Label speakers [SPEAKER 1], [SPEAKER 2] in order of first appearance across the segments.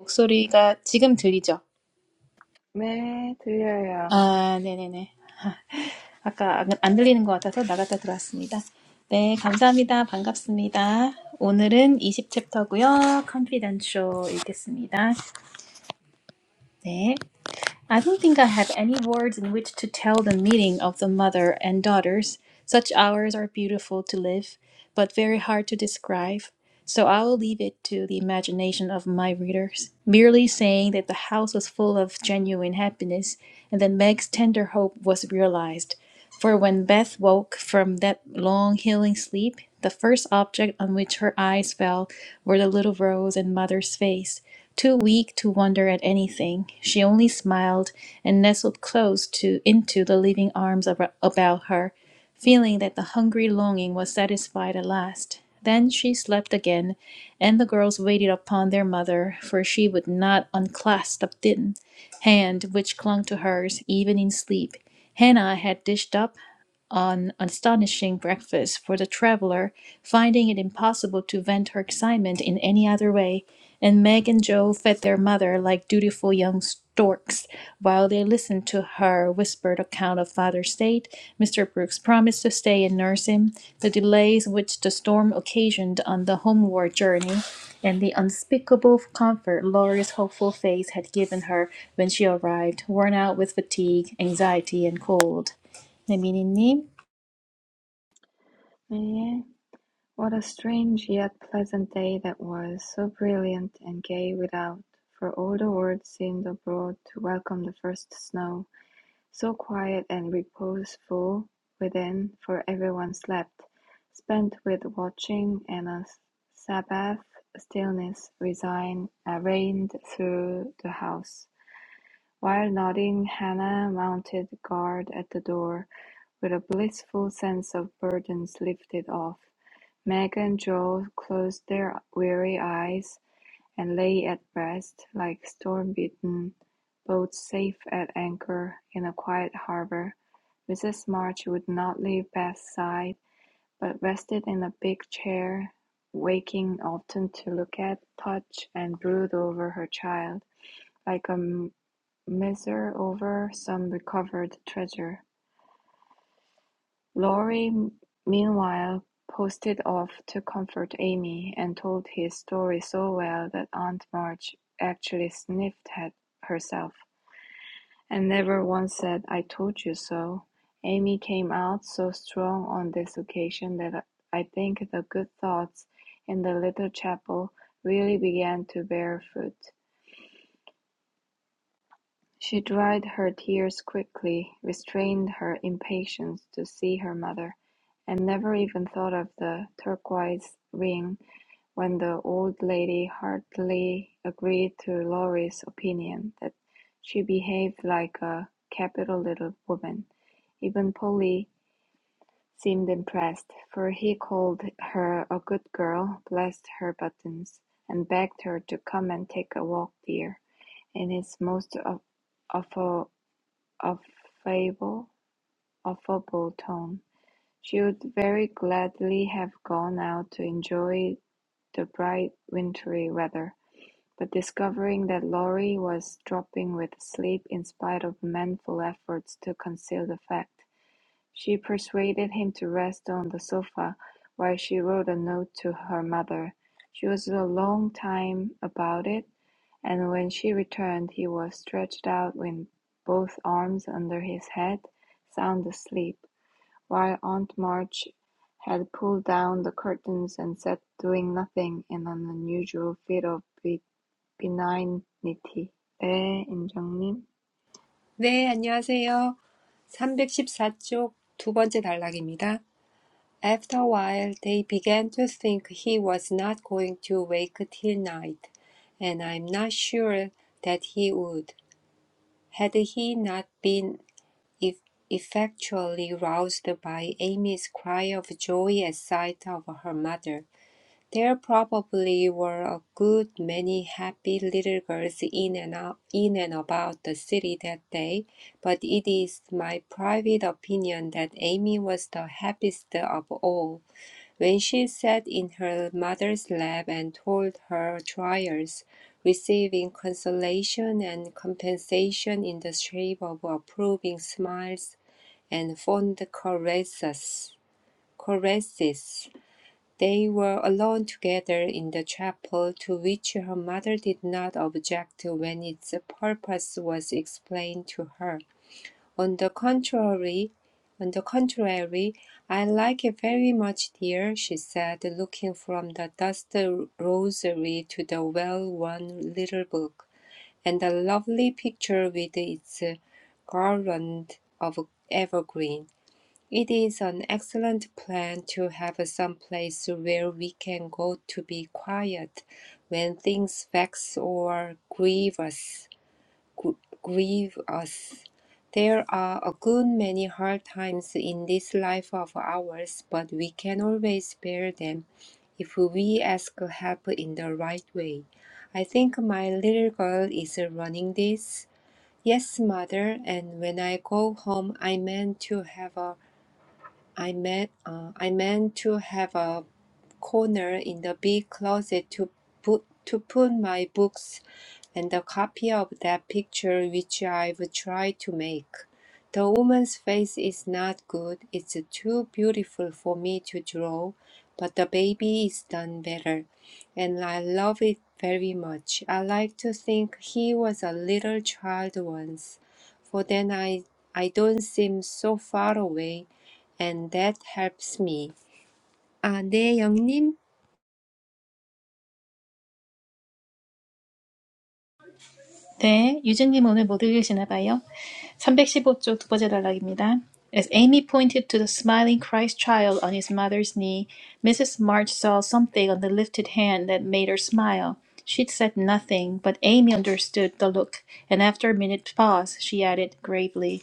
[SPEAKER 1] 목소리가 지금 들리죠?
[SPEAKER 2] 네, 들려요.
[SPEAKER 1] 아, 네네네. 아까 안, 안 들리는 것 같아서 나갔다 들어왔습니다. 네, 감사합니다. 반갑습니다. 오늘은 20챕터고요. Confidential 읽겠습니다. 네. I don't think I have any words in which to tell the meeting of the mother and daughters. Such hours are beautiful to live, but very hard to describe, so I will leave it to the imagination of my readers, merely saying that the house was full of genuine happiness, and that Meg's tender hope was realized. For when Beth woke from that long healing sleep, the first object on which her eyes fell were the little Rose and mother's face. Too weak to wonder at anything, she only smiled and nestled close to into the living arms ab- about her, feeling that the hungry longing was satisfied at last. Then she slept again, and the girls waited upon their mother, for she would not unclasp the hand which clung to hers even in sleep. Hannah had dished up an astonishing breakfast for the traveler, finding it impossible to vent her excitement in any other way, and Meg and Joe fed their mother like dutiful young storks while they listened to her whispered account of father's state, Mr. Brooks' promise to stay and nurse him, the delays which the storm occasioned on the homeward journey, and the unspeakable comfort Laurie's hopeful face had given her when she arrived, worn out with fatigue, anxiety, and cold. 네, 미니님.
[SPEAKER 2] 네. What a strange yet pleasant day that was, so brilliant and gay without, for all the world seemed abroad to welcome the first snow, so quiet and reposeful within, for everyone slept, spent with watching, and a Sabbath stillness resigned, uh, reigned through the house. While nodding, Hannah mounted guard at the door. With a blissful sense of burdens lifted off, Meg and Joel closed their weary eyes and lay at rest like storm-beaten boats safe at anchor in a quiet harbor. Mrs. March would not leave Beth's side, but rested in a big chair, waking often to look at, touch, and brood over her child, like a miser over some recovered treasure. Laurie meanwhile posted off to comfort Amy and told his story so well that Aunt March actually sniffed at herself. And never once said, "I told you so." Amy came out so strong on this occasion that I think the good thoughts in the little chapel really began to bear fruit. She dried her tears quickly, restrained her impatience to see her mother, and never even thought of the turquoise ring when the old lady heartily agreed to Laurie's opinion that she behaved like a capital little woman. Even Polly seemed impressed, for he called her a good girl, blessed her buttons, and begged her to come and take a walk, dear, in his most of, affable of fable, affable tone, she would very gladly have gone out to enjoy the bright wintry weather, but discovering that Laurie was dropping with sleep in spite of manful efforts to conceal the fact. She persuaded him to rest on the sofa while she wrote a note to her mother. She was a long time about it, and when she returned he was stretched out with both arms under his head, sound asleep, while Aunt March had pulled down the curtains and sat doing nothing in an unusual fit of benignity. 네, 인정님.
[SPEAKER 3] 네, 안녕하세요. 삼백십사 쪽 두 번째 단락입니다. After a while, they began to think he was not going to wake till night, and I'm not sure that he would, had he not been eff- effectually roused by Amy's cry of joy at sight of her mother. There probably were a good many happy little girls in and out, in and about the city that day, but it is my private opinion that Amy was the happiest of all when she sat in her mother's lap and told her trials, receiving consolation and compensation in the shape of approving smiles and fond caresses. Caresses. They were alone together in the chapel, to which her mother did not object when its purpose was explained to her. On the contrary, on the contrary, I like it very much, dear, she said, looking from the dust rosary to the well-worn little book, and the lovely picture with its garland of evergreen. It is an excellent plan to have some place where we can go to be quiet when things vex or grieve us. gr- Grieve us. There are a good many hard times in this life of ours, but we can always bear them if we ask help in the right way. I think my little girl is running this. Yes, mother, and when I go home, I meant to have a I meant, uh, I meant to have a corner in the big closet to put to put my books and a copy of that picture which I've tried to make. The woman's face is not good. It's too beautiful for me to draw, but the baby is done better, and I love it very much. I like to think he was a little child once, for then I I don't seem so far away and that helps me. 아, 네, 영님.
[SPEAKER 1] 네, 유진님 오늘 못 읽으시나 봐요. 삼백십오 쪽 두 번째 단락입니다. As Amy pointed to the smiling Christ child on his mother's knee, Mrs. March saw something on the lifted hand that made her smile. She'd said nothing, but Amy understood the look, and after a minute's pause, she added gravely,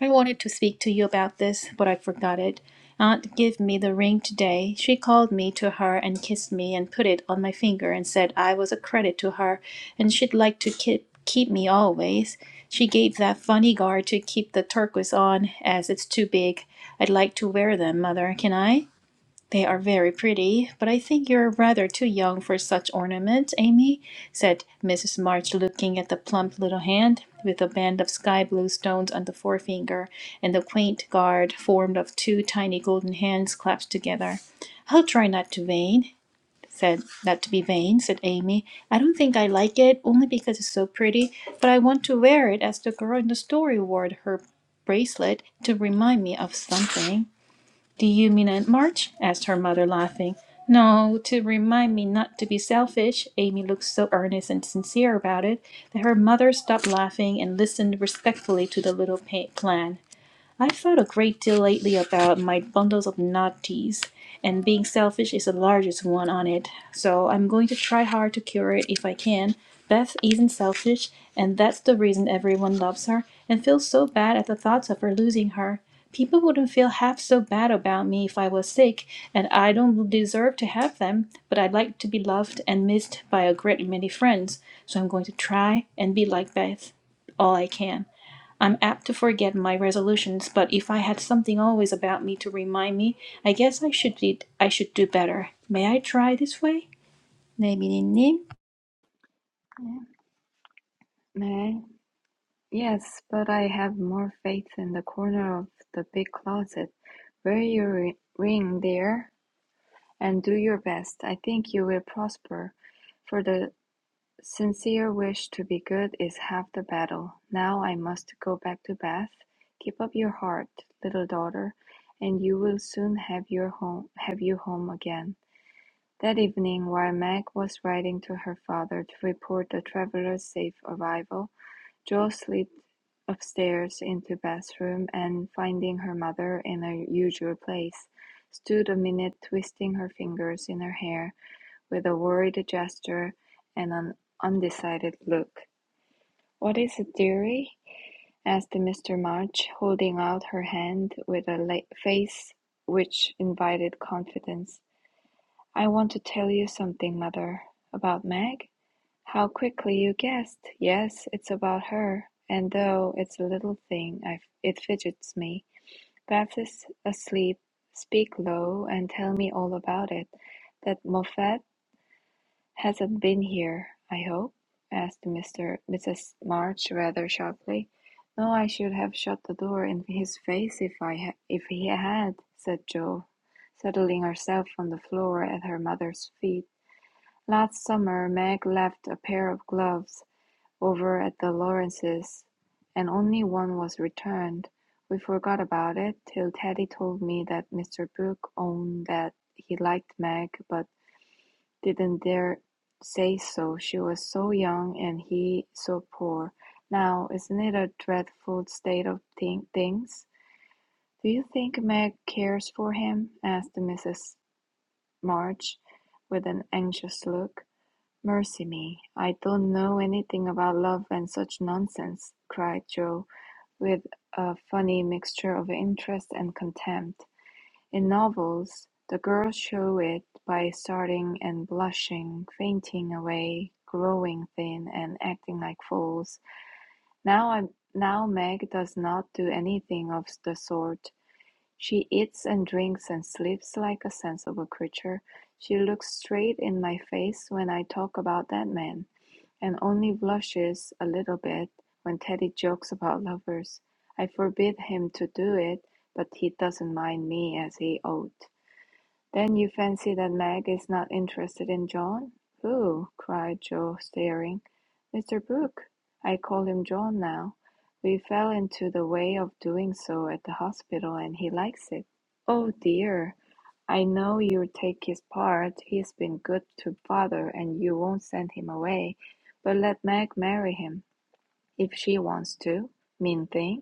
[SPEAKER 1] I wanted to speak to you about this, but I forgot it. Aunt gave me the ring today. She called me to her and kissed me and put it on my finger and said I was a credit to her and she'd like to keep keep me always. She gave that funny guard to keep the turquoise on as it's too big. I'd like to wear them, mother, can I? They are very pretty, but I think you're rather too young for such ornaments, Amy, said Mrs. March, looking at the plump little hand with a band of sky blue stones on the forefinger and the quaint guard formed of two tiny golden hands clasped together. I'll try not to vain, said not to be vain, said Amy. I don't think I like it, only because it's so pretty, but I want to wear it as the girl in the story wore her bracelet to remind me of something. Do you mean in March? asked her mother, laughing. No, to remind me not to be selfish. Amy looked so earnest and sincere about it that her mother stopped laughing and listened respectfully to the little plan. I've thought a great deal lately about my bundles of naughties, and being selfish is the largest one on it. So I'm going to try hard to cure it if I can. Beth isn't selfish, and that's the reason everyone loves her and feels so bad at the thoughts of her losing her. People wouldn't feel half so bad about me if I was sick, and I don't deserve to have them, but I'd like to be loved and missed by a great many friends, so I'm going to try and be like Beth all I can. I'm apt to forget my resolutions, but if I had something always about me to remind me, I guess I should be, I should do better. May I try this way? 네, 미니님.
[SPEAKER 2] 네. 네. Yes, but I have more faith in the corner of the big closet. Wear your ri- ring there and do your best. I think you will prosper, for the sincere wish to be good is half the battle. Now I must go back to Bath. Keep up your heart, little daughter, and you will soon have your home have you home again. That evening, while Meg was writing to her father to report the traveller's safe arrival, Jo slipped upstairs into bathroom and, finding her mother in her usual place, stood a minute twisting her fingers in her hair with a worried gesture and an undecided look. "What is it, dearie?" asked Mr. March, holding out her hand with a la- face which invited confidence. "I want to tell you something, mother." "About Meg?" How quickly you guessed! Yes, it's about her, and though it's a little thing, I it fidgets me. Beth is asleep. Speak low and tell me all about it. That Moffat hasn't been here, I hope? asked Mr. Mrs. March rather sharply. No, I should have shut the door in his face if I ha- if he had, said Jo, settling herself on the floor at her mother's feet. Last summer Meg left a pair of gloves over at the Lawrences, and only one was returned. We forgot about it till Teddy told me that Mr. Brooke owned that he liked Meg, but didn't dare say so. She was so young and he so poor. Now, isn't it a dreadful state of thing- things? Do you think Meg cares for him? asked Mrs. March, with an anxious look. "Mercy me, I don't know anything about love and such nonsense," cried Jo, with a funny mixture of interest and contempt. "In novels, the girls show it by starting and blushing, fainting away, growing thin, and acting like fools. Now I, now Meg does not do anything of the sort. She eats and drinks and sleeps like a sensible creature. She looks straight in my face when I talk about that man and only blushes a little bit when Teddy jokes about lovers. I forbid him to do it, but he doesn't mind me as he ought. "Then you fancy that Meg is not interested in John?" "Pooh!" cried Joe, staring. "Mr. Brooke I call him John now. We fell into the way of doing so at the hospital, and he likes it." "Oh, dear! I know you'll take his part. He's been good to father, and you won't send him away. But let Meg marry him, if she wants to. Mean thing!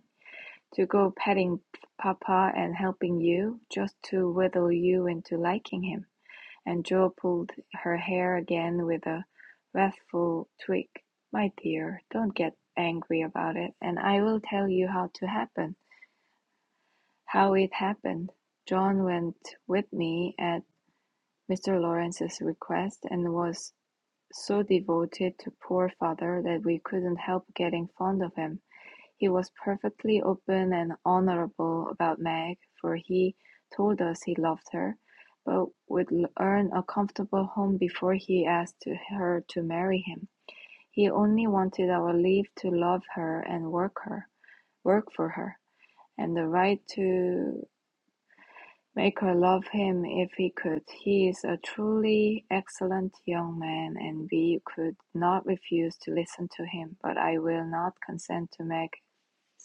[SPEAKER 2] to go petting papa and helping you, just to wheedle you into liking him. And Joe pulled her hair again with a wrathful twig. "My dear, don't get angry about it, and I will tell you how to happen how it happened. John went with me at Mr. Lawrence's request, and was so devoted to poor father that we couldn't help getting fond of him. He was perfectly open and honorable about Meg, for he told us he loved her, but would earn a comfortable home before he asked her to marry him. He only wanted our leave to love her and work her, work for her, and the right to Make her love him if he could. He is a truly excellent young man, and we could not refuse to listen to him, but I will not consent to Meg's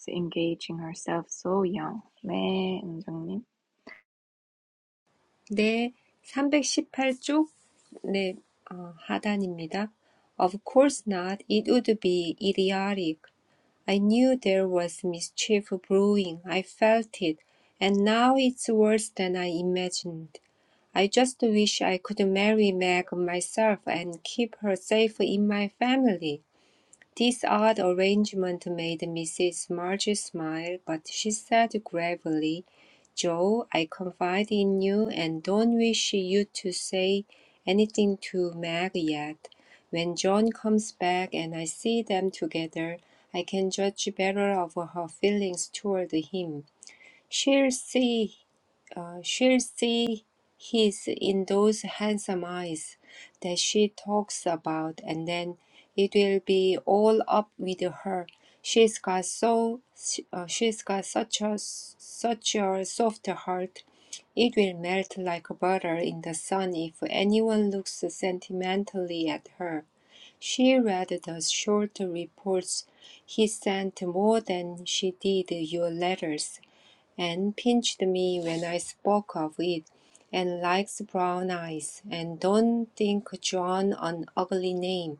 [SPEAKER 2] engaging herself so young. 네, 은정님.
[SPEAKER 3] 네, 318쪽. 네, 어, 하단입니다. Of course not. It would be idiotic. I knew there was mischief brewing. I felt it. And now it's worse than I imagined. I just wish I could marry Meg myself and keep her safe in my family. This odd arrangement made Mrs. March smile, but she said gravely, "Joe, I confide in you and don't wish you to say anything to Meg yet. When John comes back and I see them together, I can judge better of her feelings toward him. She'll see uh, she'll see his in those handsome eyes that she talks about, and then it will be all up with her. She's got so uh, she's got such a such a soft heart. It will melt like butter in the sun if anyone looks sentimentally at her. She read the short reports he sent more than she did your letters and pinched me when I spoke of it, and likes brown eyes, and don't think John an ugly name,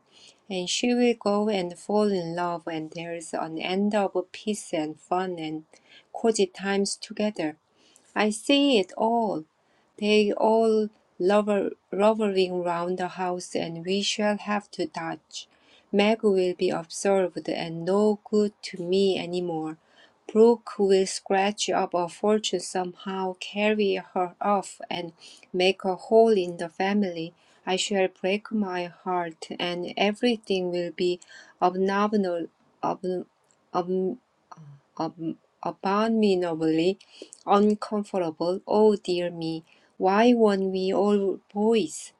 [SPEAKER 3] and she will go and fall in love, and there's an end of peace and fun and cozy times together. I see it all. They all lover rovering round the house, and we shall have to dodge. Meg will be observed and no good to me any more. Brooke will scratch up a fortune somehow, carry her off, and make a hole in the family. I shall break my heart, and everything will be abominable, ab, ab, ab- abominably uncomfortable. Oh dear me, why weren't we all boys?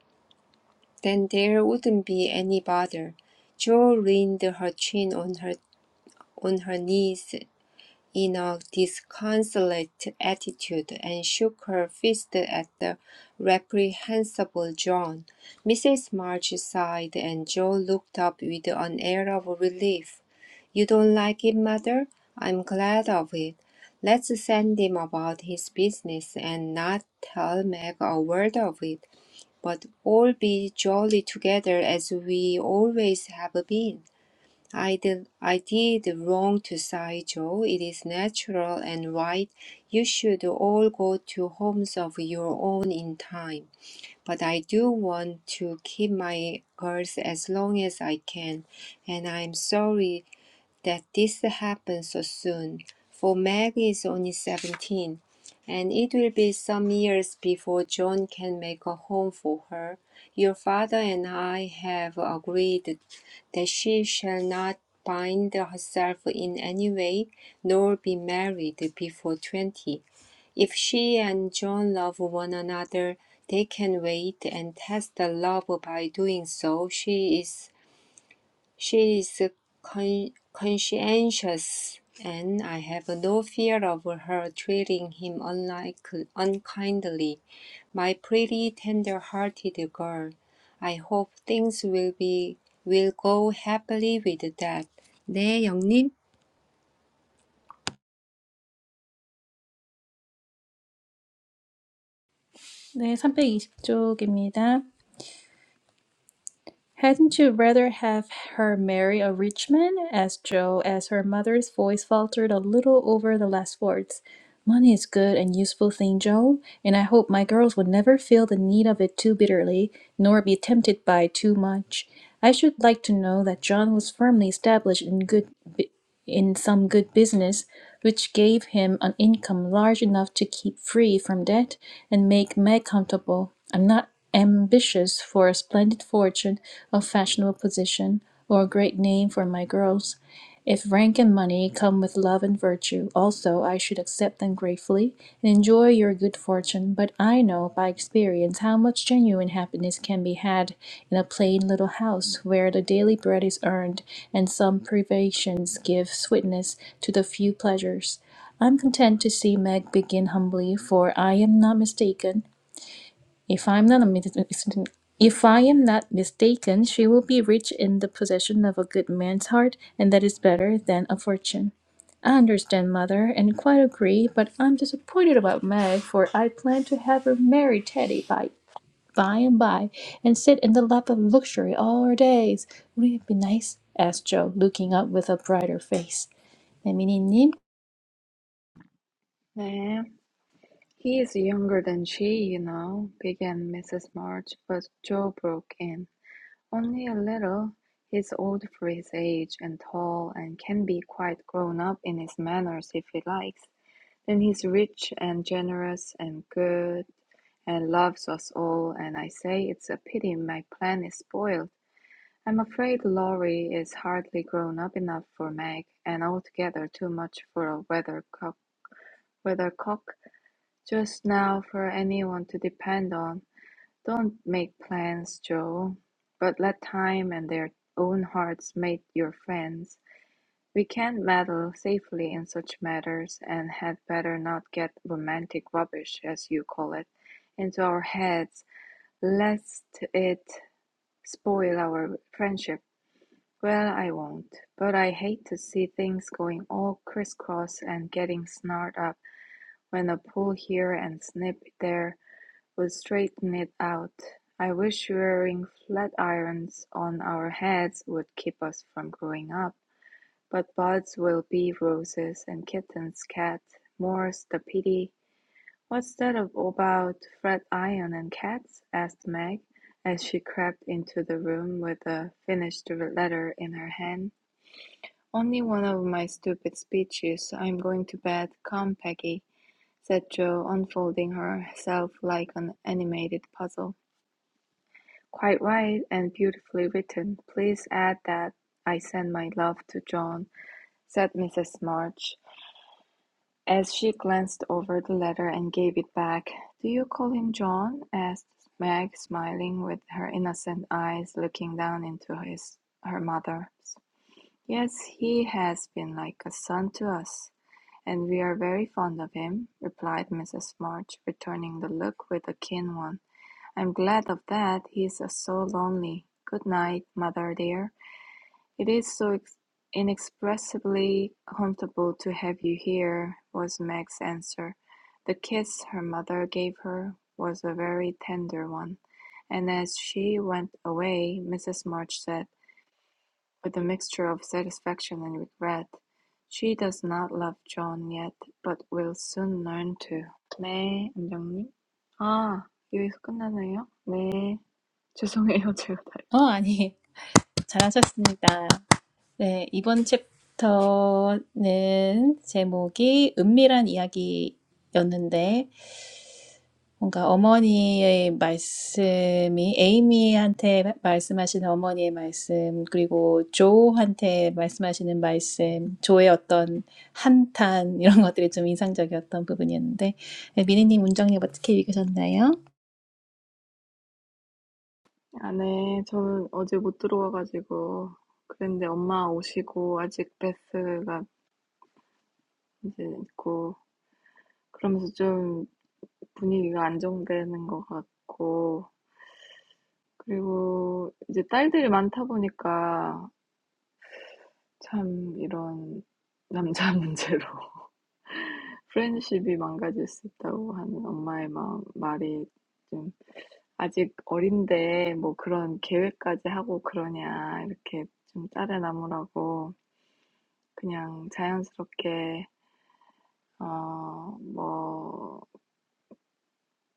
[SPEAKER 3] Then there wouldn't be any bother. Jo leaned her chin on her on her knees in a disconsolate attitude and shook her fist at the reprehensible John. Mrs. March sighed, and Joe looked up with an air of relief. You don't like it, mother? I'm glad of it. Let's send him about his business and not tell Meg a word of it, but all be jolly together as we always have been. I did, I did wrong to Saijo. It is natural and right. You should all go to homes of your own in time. But I do want to keep my girls as long as I can, and I'm sorry that this happened so soon, for Meg is only 17, and it will be some years before John can make a home for her. Your father and I have agreed that she shall not bind herself in any way, nor be married before 20. If she and John love one another, they can wait and test the love by doing so. She is she is con- conscientious, and I have no fear of her treating him unlike, unkindly. My pretty, tender-hearted girl, I hope things will be will go happily with that. 네, 영님.
[SPEAKER 1] 네, 삼백이십 쪽입니다. Hadn't you rather have her marry a rich man? asked Joe, as her mother's voice faltered a little over the last words. Money is good and useful thing, Joe, and I hope my girls would never feel the need of it too bitterly, nor be tempted by too much. I should like to know that John was firmly established in good in some good business, which gave him an income large enough to keep free from debt and make me comfortable. I'm not ambitious for a splendid fortune a fashionable position or a great name for my girls. If rank and money come with love and virtue, also I should accept them gratefully and enjoy your good fortune. But I know by experience how much genuine happiness can be had in a plain little house where the daily bread is earned and some privations give sweetness to the few pleasures. I'm content to see Meg begin humbly, for I am not mistaken. If I'm not a if I am not mistaken, she will be rich in the possession of a good man's heart, and that is better than a fortune. I understand, mother, and quite agree, but I'm disappointed about Meg, for I plan to have her marry Teddy by by and by, and sit in the lap of luxury all her days. Would it be nice? asked Joe, looking up with a brighter face. 내미니님,
[SPEAKER 2] 네. He is younger than she, you know, began Mrs. March, but Joe broke in. Only a little. He's old for his age and tall and can be quite grown up in his manners if he likes. Then he's rich and generous and good and loves us all, and I say it's a pity my plan is spoiled. I'm afraid Laurie is hardly grown up enough for Meg, and altogether too much for a weathercock, weathercock just now for anyone to depend on. Don't make plans, Joe, but let time and their own hearts make your friends. We can't meddle safely in such matters, and had better not get romantic rubbish, as you call it, into our heads, lest it spoil our friendship. Well, I won't, but I hate to see things going all crisscross and getting snarled up when a pull here and snip there would straighten it out. I wish wearing flat irons on our heads would keep us from growing up. But buds will be roses, and kittens cat. More's the pity. What's that about Fred Iron and cats? asked Meg, as she crept into the room with a finished letter in her hand. Only one of my stupid speeches. I'm going to bed. Come, Peggy, said Jo, unfolding herself like an animated puzzle. Quite right and beautifully written. Please add that I send my love to John, said Mrs. March. As she glanced over the letter and gave it back, "Do you call him John?" asked Meg, smiling, with her innocent eyes looking down into his her mother's. "Yes, he has been like a son to us, and we are very fond of him," replied Mrs. March, returning the look with a keen one. "I'm glad of that, he's so lonely. Good night, mother dear. "It is so inexpressibly comfortable to have you here," was Meg's answer. The kiss her mother gave her was a very tender one, and as she went away Mrs. March said, with a mixture of satisfaction and regret, "She does not love John yet, but will soon learn to." 네, 안정님. 아, 여기서 끝나나요? 네, 죄송해요. 제가 다시
[SPEAKER 1] 어 아니 잘하셨습니다. 네, 이번 챕터는 제목이 은밀한 이야기였는데, 뭔가 어머니의 말씀이, 에이미한테 말씀하시는 어머니의 말씀, 그리고 조한테 말씀하시는 말씀, 조의 어떤 한탄, 이런 것들이 좀 인상적이었던 부분이었는데, 민 미니님, 문정님 어떻게 읽으셨나요?
[SPEAKER 2] 아, 네. 저는 어제 못 들어와가지고, 그랬는데 엄마 오시고, 아직 베스가 이제 있고, 그러면서 좀 분위기가 안정되는 것 같고, 그리고 이제 딸들이 많다 보니까, 참 이런 남자 문제로 프렌십이 망가질 수 있다고 하는 엄마의 마음, 말이 좀 아직 어린데 뭐 그런 계획까지 하고 그러냐, 이렇게 좀 딸의 나무라고 그냥 자연스럽게 어, 뭐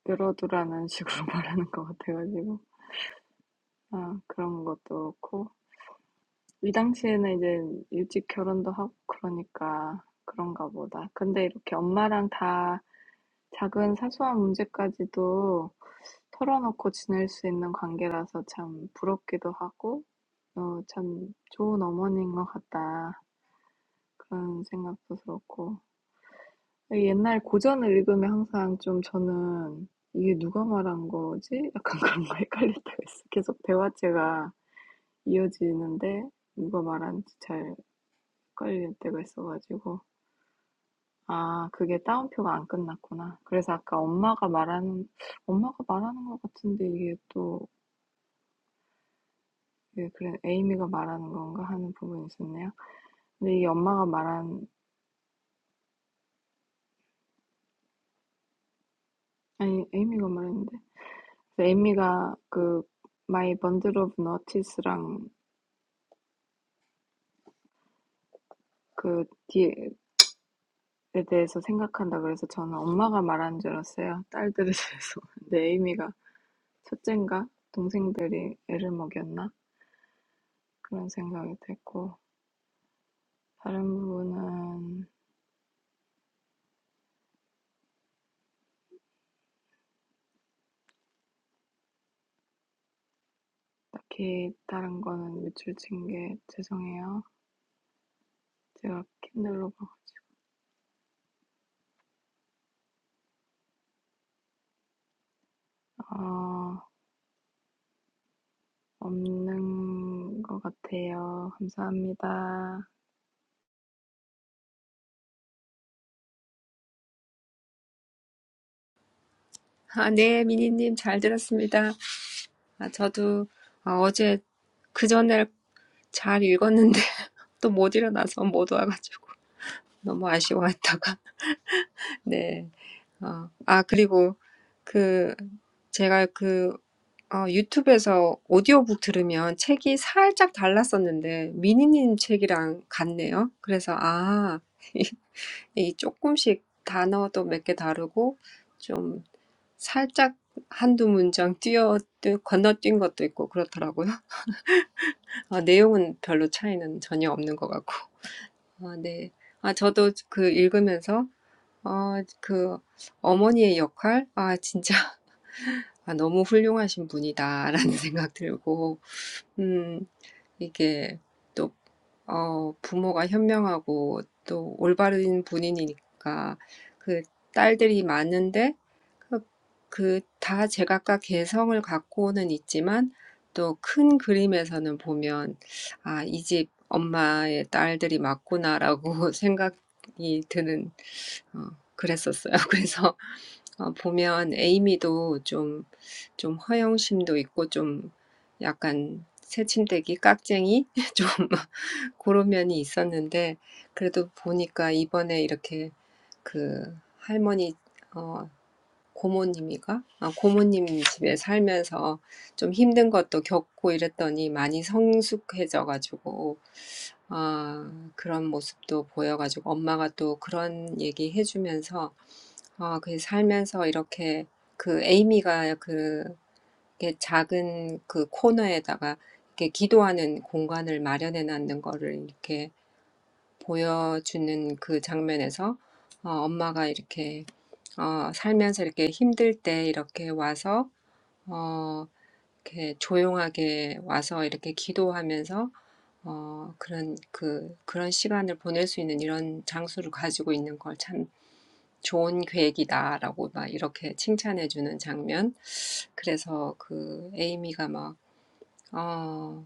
[SPEAKER 2] 이러두라는 식으로 말하는 것 같아가지고 어 그런 것도 그렇고 이 당시에는 이제 일찍 결혼도 하고 그러니까 그런가 보다. 근데 이렇게 엄마랑 다 작은 사소한 문제까지도 털어놓고 지낼 수 있는 관계라서 참 부럽기도 하고 어, 참 좋은 어머니인 것 같다. 그런 생각도 들었고 옛날 고전을 읽으면 항상 좀 저는 '이게 누가 말한 거지?' 약간 그런 거 헷갈릴 때가 있어요. 계속 대화체가 이어지는데 누가 말한지 잘 헷갈릴 때가 있어가지고 아 그게 따옴표가 안 끝났구나. 그래서 아까 엄마가 말하는 엄마가 말하는 것 같은데 이게 또예 그래 '에이미가 말하는 건가?' 하는 부분이 있었네요. 근데 이 엄마가 말한 아니 에이미가 말했는데 에이미가 그 My Bundle of Notices랑 그 뒤에 대해서 생각한다 그래서 저는 엄마가 말하는 줄 알았어요. 딸들에 대해서. 내 의미가 첫째인가? 동생들이 애를 먹였나? 그런 생각이 됐고 다른 부분은 딱히 다른 거는 밑줄 친게 죄송해요. 제가 킨들로 어, 없는 것 같아요. 감사합니다.
[SPEAKER 3] 아, 네, 미니님 잘 들었습니다. 아, 저도 아, 어제 그 전에 잘 읽었는데 또 못 일어나서 못 와가지고 너무 아쉬워했다가 네. 어, 아, 그리고 그 제가 그 어, 유튜브에서 오디오북 들으면 책이 살짝 달랐었는데 미니님 책이랑 같네요. 그래서 아, 이 조금씩 단어도 몇 개 다르고 좀 살짝 한두 문장 뛰어 뛰- 건너뛴 것도 있고 그렇더라고요. 아, 내용은 별로 차이는 전혀 없는 것 같고. 아, 네. 아, 저도 그 읽으면서 아, 그 어머니의 역할? 아, 진짜 '아 너무 훌륭하신 분이다.'라는 생각 들고 음 이게 또어 부모가 현명하고 또 올바른 분이니까 그 딸들이 많은데 그그 다 제각각 개성을 갖고는 있지만 또 큰 그림에서는 보면 '아 이 집 엄마의 딸들이 맞구나.'라고 생각이 드는 어 그랬었어요. 그래서 어, 보면 에이미도 좀, 좀 허영심도 있고 좀 약간 새침대기 깍쟁이 좀 그런 면이 있었는데 그래도 보니까 이번에 이렇게 그 할머니 어 고모님이가 아 고모님 집에 살면서 좀 힘든 것도 겪고 이랬더니 많이 성숙해져가지고 아 그런 모습도 보여가지고 엄마가 또 그런 얘기 해주면서 아그 살면서 이렇게 그 에이미가 그 이렇게 작은 그 코너에다가 이렇게 기도하는 공간을 마련해 놨는 거를 이렇게 보여주는 그 장면에서 어, 엄마가 이렇게 어, 살면서 이렇게 힘들 때 이렇게 와서 어, 이렇게 조용하게 와서 이렇게 기도하면서 어, 그런 그 그런 시간을 보낼 수 있는 이런 장소를 가지고 있는 걸참 좋은 계획이다라고 막 이렇게 칭찬해 주는 장면. 그래서 그 에이미가 막 어,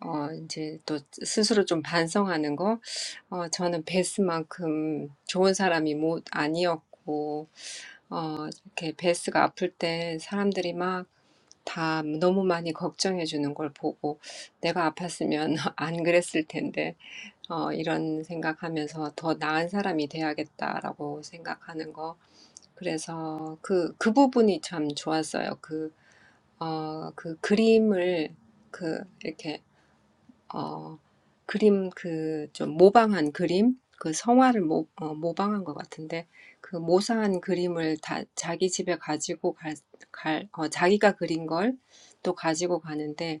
[SPEAKER 3] 어, 이제 또 스스로 좀 반성하는 거. 어, 저는 베스만큼 좋은 사람이 못 아니었고, 어, 이렇게 베스가 아플 때 사람들이 막 다 너무 많이 걱정해 주는 걸 보고 내가 아팠으면 안 그랬을 텐데 어, 이런 생각하면서 더 나은 사람이 돼야겠다라고 생각하는 거. 그래서 그, 그 부분이 참 좋았어요. 그, 어, 그 그림을 그 이렇게 어, 그림 그좀 모방한 그림 그 성화를 모, 어, 모방한 것 같은데 그 모사한 그림을 다 자기 집에 가지고 갈, 갈 어, 자기가 그린 걸또 가지고 가는데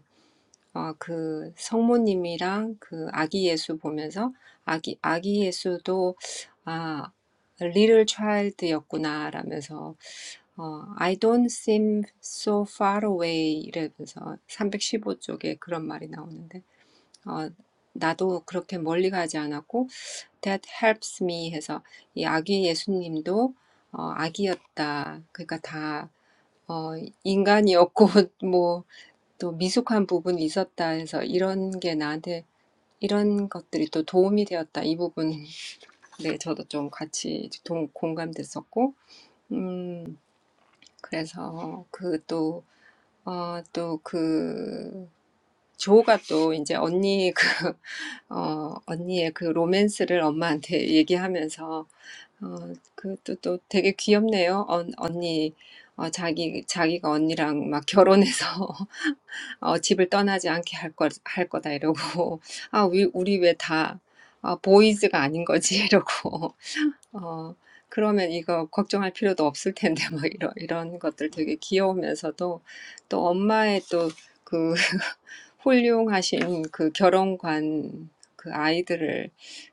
[SPEAKER 3] 어, 그 성모님이랑 그 아기 예수 보면서 아기 아기 예수도 아 little child였구나 라면서 어, I don't seem so far away 이러면서 삼백십오 쪽에 그런 말이 나오는데 어, 나도 그렇게 멀리 가지 않았고 that helps me 해서 이 아기 예수님도 어, 아기였다 그러니까 다 어, 인간이었고 뭐 또 미숙한 부분이 있었다 해서 이런 게 나한테 이런 것들이 또 도움이 되었다. 이 부분, 네, 저도 좀 같이 동, 공감됐었고, 음, 그래서 그 또, 어, 또 그, 조가 또 이제 언니 그, 어, 언니의 그 로맨스를 엄마한테 얘기하면서, 어, 그, 또, 또 되게 귀엽네요. 언, 언니, 어, 자기, 자기가 언니랑 막 결혼해서 어, 집을 떠나지 않게 할 거, 할 거다 이러고 아, 우리, 우리 왜 다 아, 보이즈가 아닌 거지 이러고 어, 그러면 이거 걱정할 필요도 없을 텐데 막 이런 이런 것들 되게 귀여우면서도 또 엄마의 또그 훌륭하신 그 결혼관 그 아이들을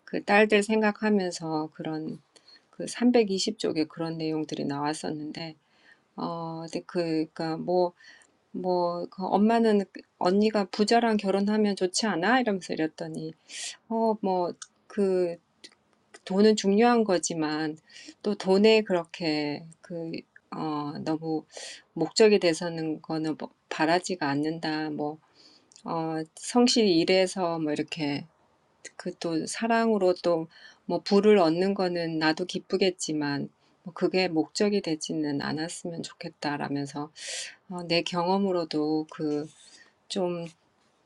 [SPEAKER 3] 그 딸들 생각하면서 그런 그 320쪽에 그런 내용들이 나왔었는데 어 근데 그니까 뭐 뭐, 그 엄마는 그- 언니가 부자랑 결혼하면 좋지 않아? 이러면서 이랬더니, 어, 뭐, 그, 돈은 중요한 거지만, 또 돈에 그렇게, 그, 어, 너무 목적이 돼서는 거는 뭐 바라지가 않는다. 뭐, 어, 성실히 일해서 뭐 이렇게, 그 또 사랑으로 또 뭐 부를 얻는 거는 나도 기쁘겠지만, 뭐 그게 목적이 되지는 않았으면 좋겠다라면서, 어, 내 경험으로도 그, 좀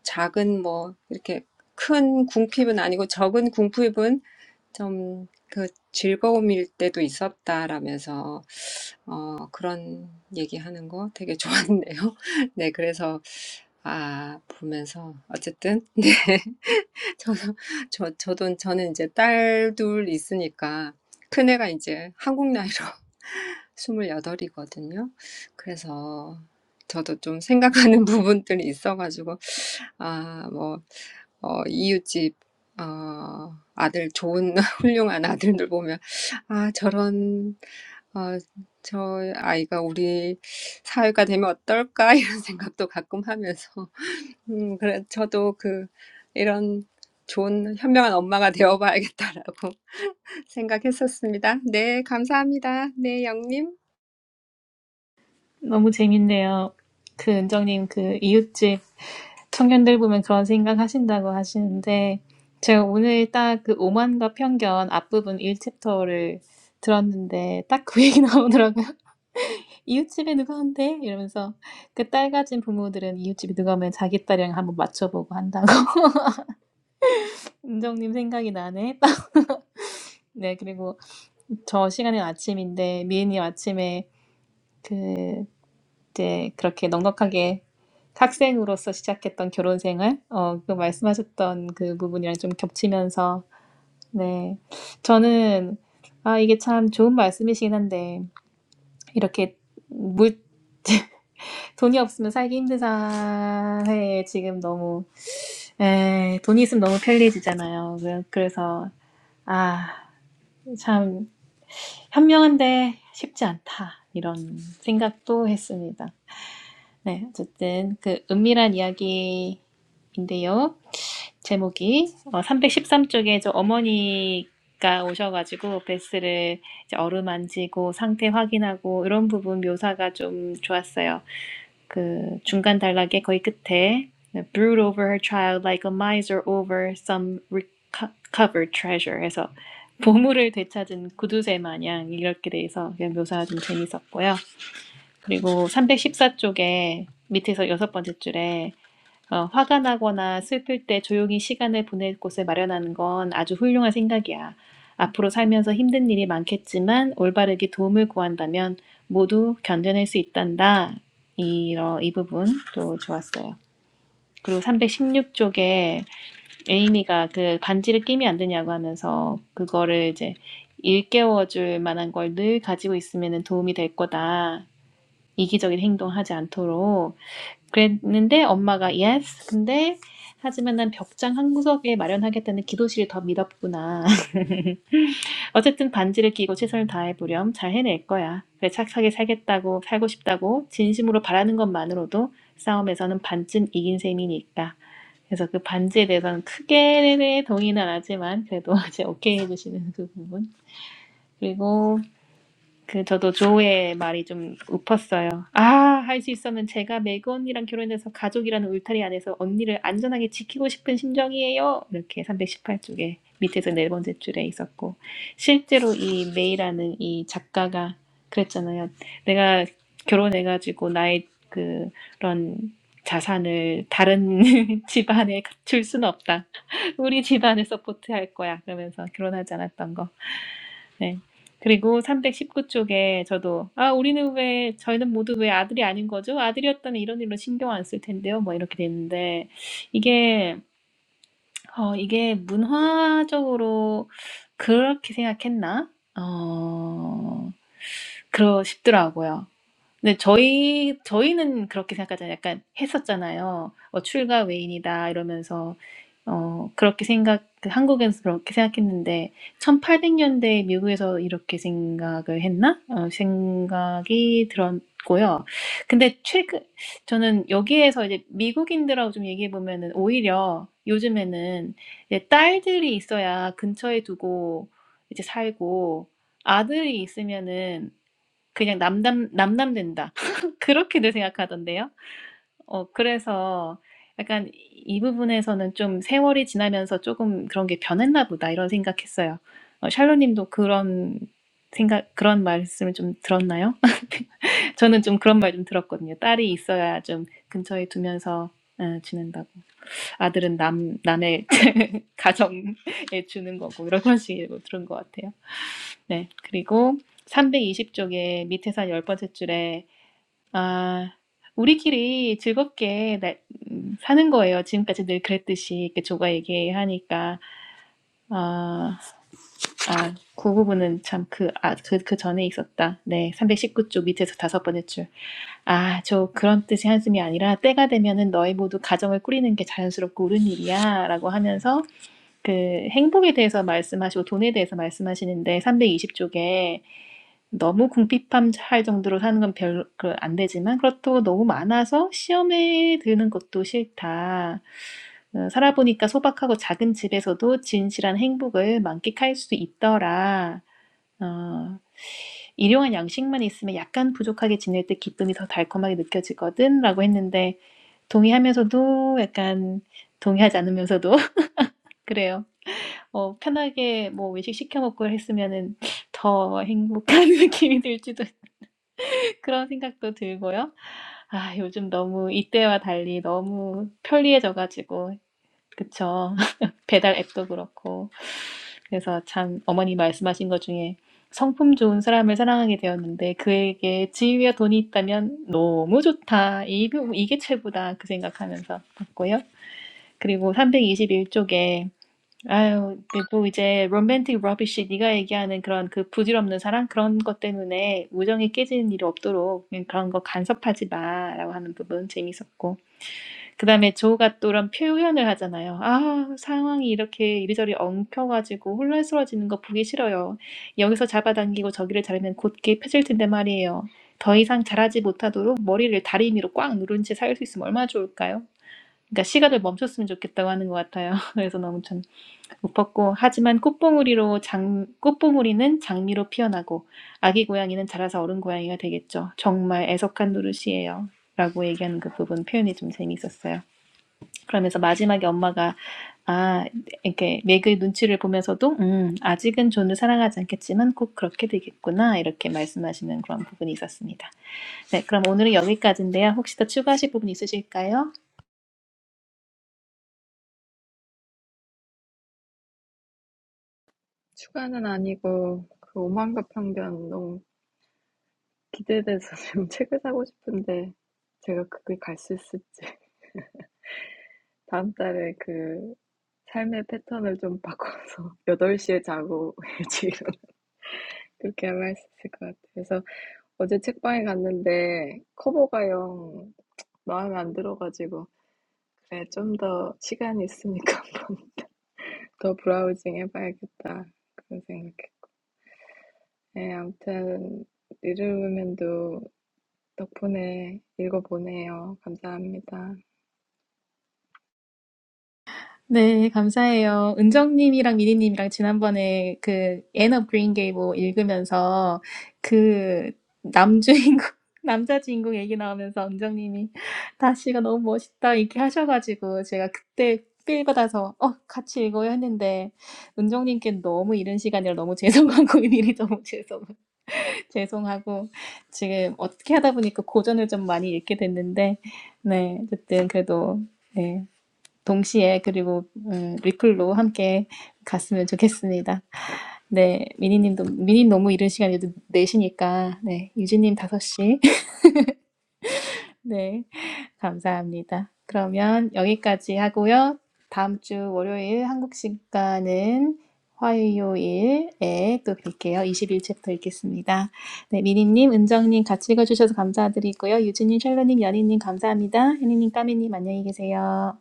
[SPEAKER 3] 작은 뭐 이렇게 큰 궁핍은 아니고 적은 궁핍은 좀그 즐거움일 때도 있었다라면서 어 그런 얘기하는 거 되게 좋았네요. 네, 그래서 아 보면서 어쨌든 네 저도 저 저도 저는 이제 딸둘 있으니까 큰 애가 이제 한국 나이로 스물여덟이거든요. 그래서 저도 좀 생각하는 부분들이 있어가지고 아, 뭐, 어, 이웃집, 어, 아들, 좋은, 훌륭한 아들들 보면, 아, 저런, 어, 저 아이가 우리 사회가 되면 어떨까? 이런 생각도 가끔 하면서. 음, 그래, 저도 그, 이런 좋은, 현명한 엄마가 되어봐야겠다라고 생각했었습니다. 네, 감사합니다. 네, 영님.
[SPEAKER 1] 너무 재밌네요. 그 은정님 그 이웃집 청년들 보면 그런 생각 하신다고 하시는데 제가 오늘 딱 그 오만과 편견 앞부분 1챕터를 들었는데 딱 그 얘기 나오더라고요. 이웃집에 누가 온대? 이러면서 그 딸 가진 부모들은 이웃집에 누가 오면 자기 딸이랑 한번 맞춰보고 한다고. 은정님 생각이 나네. 네, 그리고 저 시간은 아침인데 미애님 아침에 이제 그렇게 넉넉하게 학생으로서 시작했던 결혼 생활, 어, 그 말씀하셨던 그 부분이랑 좀 겹치면서, 네. 저는, 아, 이게 참 좋은 말씀이시긴 한데, 이렇게 물, 돈이 없으면 살기 힘든 사회에 지금 너무, 에, 돈이 있으면 너무 편리해지잖아요. 그- 그래서, 아, 참, 현명한데 쉽지 않다. 이런 생각도 했습니다. 네, 어쨌든 그 은밀한 이야기인데요. 제목이 어, 313쪽에 저 어머니가 오셔가지고 베스를 이제 어루만지고 상태 확인하고 이런 부분 묘사가 좀 좋았어요. 그 중간 단락의 거의 끝에 brood over her child like a miser over some recovered treasure 해서 보물을 되찾은 구두쇠 마냥 이렇게 돼서 묘사가 좀 재밌었고요. 그리고 314쪽에 밑에서 여섯 번째 줄에 어, 화가 나거나 슬플 때 조용히 시간을 보낼 곳을 마련하는 건 아주 훌륭한 생각이야. 앞으로 살면서 힘든 일이 많겠지만 올바르게 도움을 구한다면 모두 견뎌낼 수 있단다. 이러, 이 부분도 좋았어요. 그리고 316쪽에 에이미가 그 반지를 끼면 안 되냐고 하면서 그거를 이제 일깨워줄 만한 걸 늘 가지고 있으면 도움이 될 거다. 이기적인 행동하지 않도록 그랬는데 엄마가 yes 근데 하지만 난 벽장 한 구석에 마련하겠다는 기도실이 더 믿었구나. 어쨌든 반지를 끼고 최선을 다해보렴. 잘 해낼 거야. 그래 착하게 살겠다고 살고 싶다고 진심으로 바라는 것만으로도 싸움에서는 반쯤 이긴 셈이니까. 그래서 그 반지에 대해서는 크게 동의는 안 하지만 그래도 이제 오케이 해주시는 그 부분. 그리고 그 저도 조의 말이 좀 웃었어요. 아, 할 수 있으면 제가 매그 언니랑 결혼해서 가족이라는 울타리 안에서 언니를 안전하게 지키고 싶은 심정이에요. 이렇게 318쪽에 밑에서 네 번째 줄에 있었고 실제로 이 메이라는 이 작가가 그랬잖아요. 내가 결혼해가지고 나의 그런 자산을 다른 집안에 줄 수는 없다. 우리 집안을 서포트할 거야. 그러면서 결혼하지 않았던 거. 네. 그리고 319 쪽에 저도 "아 우리는 왜 저희는 모두 왜 아들이 아닌 거죠? 아들이었다면 이런 일로 신경 안 쓸 텐데요." 뭐 이렇게 됐는데 이게 어 이게 문화적으로 그렇게 생각했나? 어 그러 싶더라고요. 근데 저희, 저희는 그렇게 생각하잖아요. 약간 했었잖아요. 어, 출가 외인이다, 이러면서, 어, 그렇게 생각, 그 한국에서 그렇게 생각했는데, 1800년대 미국에서 이렇게 생각을 했나? 어, 생각이 들었고요. 근데 최근, 저는 여기에서 이제 미국인들하고 좀 얘기해 보면은 오히려 요즘에는 이제 딸들이 있어야 근처에 두고 이제 살고, 아들이 있으면은 그냥 남남 남남된다. 그렇게들 생각하던데요. 어 그래서 약간 이 부분에서는 좀 세월이 지나면서 조금 그런 게 변했나 보다 이런 생각했어요. 어 샬로 님도 그런 생각 그런 말씀을 좀 들었나요? 저는 좀 그런 말 좀 들었거든요. 딸이 있어야 좀 근처에 두면서 어, 지낸다고. 아들은 남 남의 가정에 주는 거고 이런 식으로 들은 것 같아요. 네. 그리고 320 쪽에 밑에 한열 번째 줄에 아. 우리끼리 즐겁게 나음 사는 거예요. 지금까지 늘 그랬듯이 이렇게 조가 얘기하니까 아. 아 그 부분은 참 그 아 그 그전에 있었다. 네. 319쪽 밑에서 다섯번째 줄. 아 조 그런 뜻의 한숨이 아니라 때가 되면은 너희 모두 가정을 꾸리는 게 자연스럽고 옳은 일이야라고 하면서 그 행복에 대해서 말씀하시고 돈에 대해서 말씀하시는데 320 쪽에 너무 궁핍함 할 정도로 사는 건 별로 그 안 되지만 그렇다고 너무 많아서 시험에 드는 것도 싫다. 어, 살아보니까 소박하고 작은 집에서도 진실한 행복을 만끽할 수 있더라. 어, 일용할 양식만 있으면 약간 부족하게 지낼 때 기쁨이 더 달콤하게 느껴지거든. 라고 했는데 동의하면서도 약간 동의하지 않으면서도 그래요. 어, 편하게 뭐 외식 시켜 먹고 했으면은 더 행복한 느낌이 들지도 그런 생각도 들고요. 아 요즘 너무 이때와 달리 너무 편리해져 가지고 그쵸. 배달 앱도 그렇고. 그래서 참 어머니 말씀하신 것 중에 성품 좋은 사람을 사랑하게 되었는데 그에게 지위와 돈이 있다면 너무 좋다. 이게 이게 최고다. 그 생각하면서 봤고요. 그리고 321 쪽에 아유, 근데 또 이제 로맨틱 러비쉬 네가 얘기하는 그런 그 부질없는 사랑 그런 것 때문에 우정이 깨지는 일이 없도록 그냥 그런 거 간섭하지 마라고 하는 부분 재밌었고 그다음에 조가 또 이런 표현을 하잖아요. 아, 상황이 이렇게 이리저리 엉켜가지고 혼란스러워지는 거 보기 싫어요. 여기서 잡아당기고 저기를 자르면 곧게 펴질 텐데 말이에요. 더 이상 자라지 못하도록 머리를 다리미로 꽉 누른 채 살 수 있으면 얼마나 좋을까요? 그러니까 시간을 멈췄으면 좋겠다고 하는 것 같아요. 그래서 너무 참 못 벗고 하지만 꽃봉우리로 장, 꽃봉우리는 장미로 피어나고 아기 고양이는 자라서 어른 고양이가 되겠죠. 정말 애석한 노릇이에요. 라고 얘기하는 그 부분 표현이 좀 재미있었어요. 그러면서 마지막에 엄마가 아 이렇게 맥의 눈치를 보면서도 음 아직은 존을 사랑하지 않겠지만 꼭 그렇게 되겠구나 이렇게 말씀하시는 그런 부분이 있었습니다. 네 그럼 오늘은 여기까지인데요. 혹시 더 추가하실 부분 있으실까요?
[SPEAKER 2] 추가는 아니고 그 오만과 편견 너무 기대돼서 지금 책을 사고 싶은데 제가 그게 갈수 있을지 다음 달에 그 삶의 패턴을 좀 바꿔서 여덟 시에 자고 지금 그렇게 하면 할수 있을 것 같아요. 그래서 어제 책방에 갔는데 커버가 영 마음에 안 들어가지고 그래 좀 더 시간이 있으니까 한번 더 브라우징 해봐야겠다 그런 생각해. 네, 아무튼 리르우먼도 덕분에 읽어보네요. 감사합니다.
[SPEAKER 1] 네, 감사해요. 은정님이랑 미니님이랑 지난번에 그, Anne of Green Gable 읽으면서 그, 남주인공, 남자 주인공 얘기 나오면서 은정님이 다시가 너무 멋있다 이렇게 하셔가지고 제가 그때 필받아서 어, 같이 읽어야 했는데 은정님께 너무 이른 시간이라 너무 죄송하고 미리 너무 죄송, 죄송하고 지금 어떻게 하다 보니까 고전을 좀 많이 읽게 됐는데 네, 어쨌든 그래도 네. 동시에 그리고 음, 리플로 함께 갔으면 좋겠습니다. 네, 미니님도 미니 너무 이른 시간에도 4시니까 네, 유진님 5시. 네, 감사합니다. 그러면 여기까지 하고요. 다음 주 월요일 한국 시간은 화요일에 또 뵐게요. 2 1일 챕터 읽겠습니다. 네, 미니님, 은정님 같이 읽어주셔서 감사드리고요. 유진님, 샬로님, 연희님 감사합니다. 혜니님, 까미님 안녕히 계세요.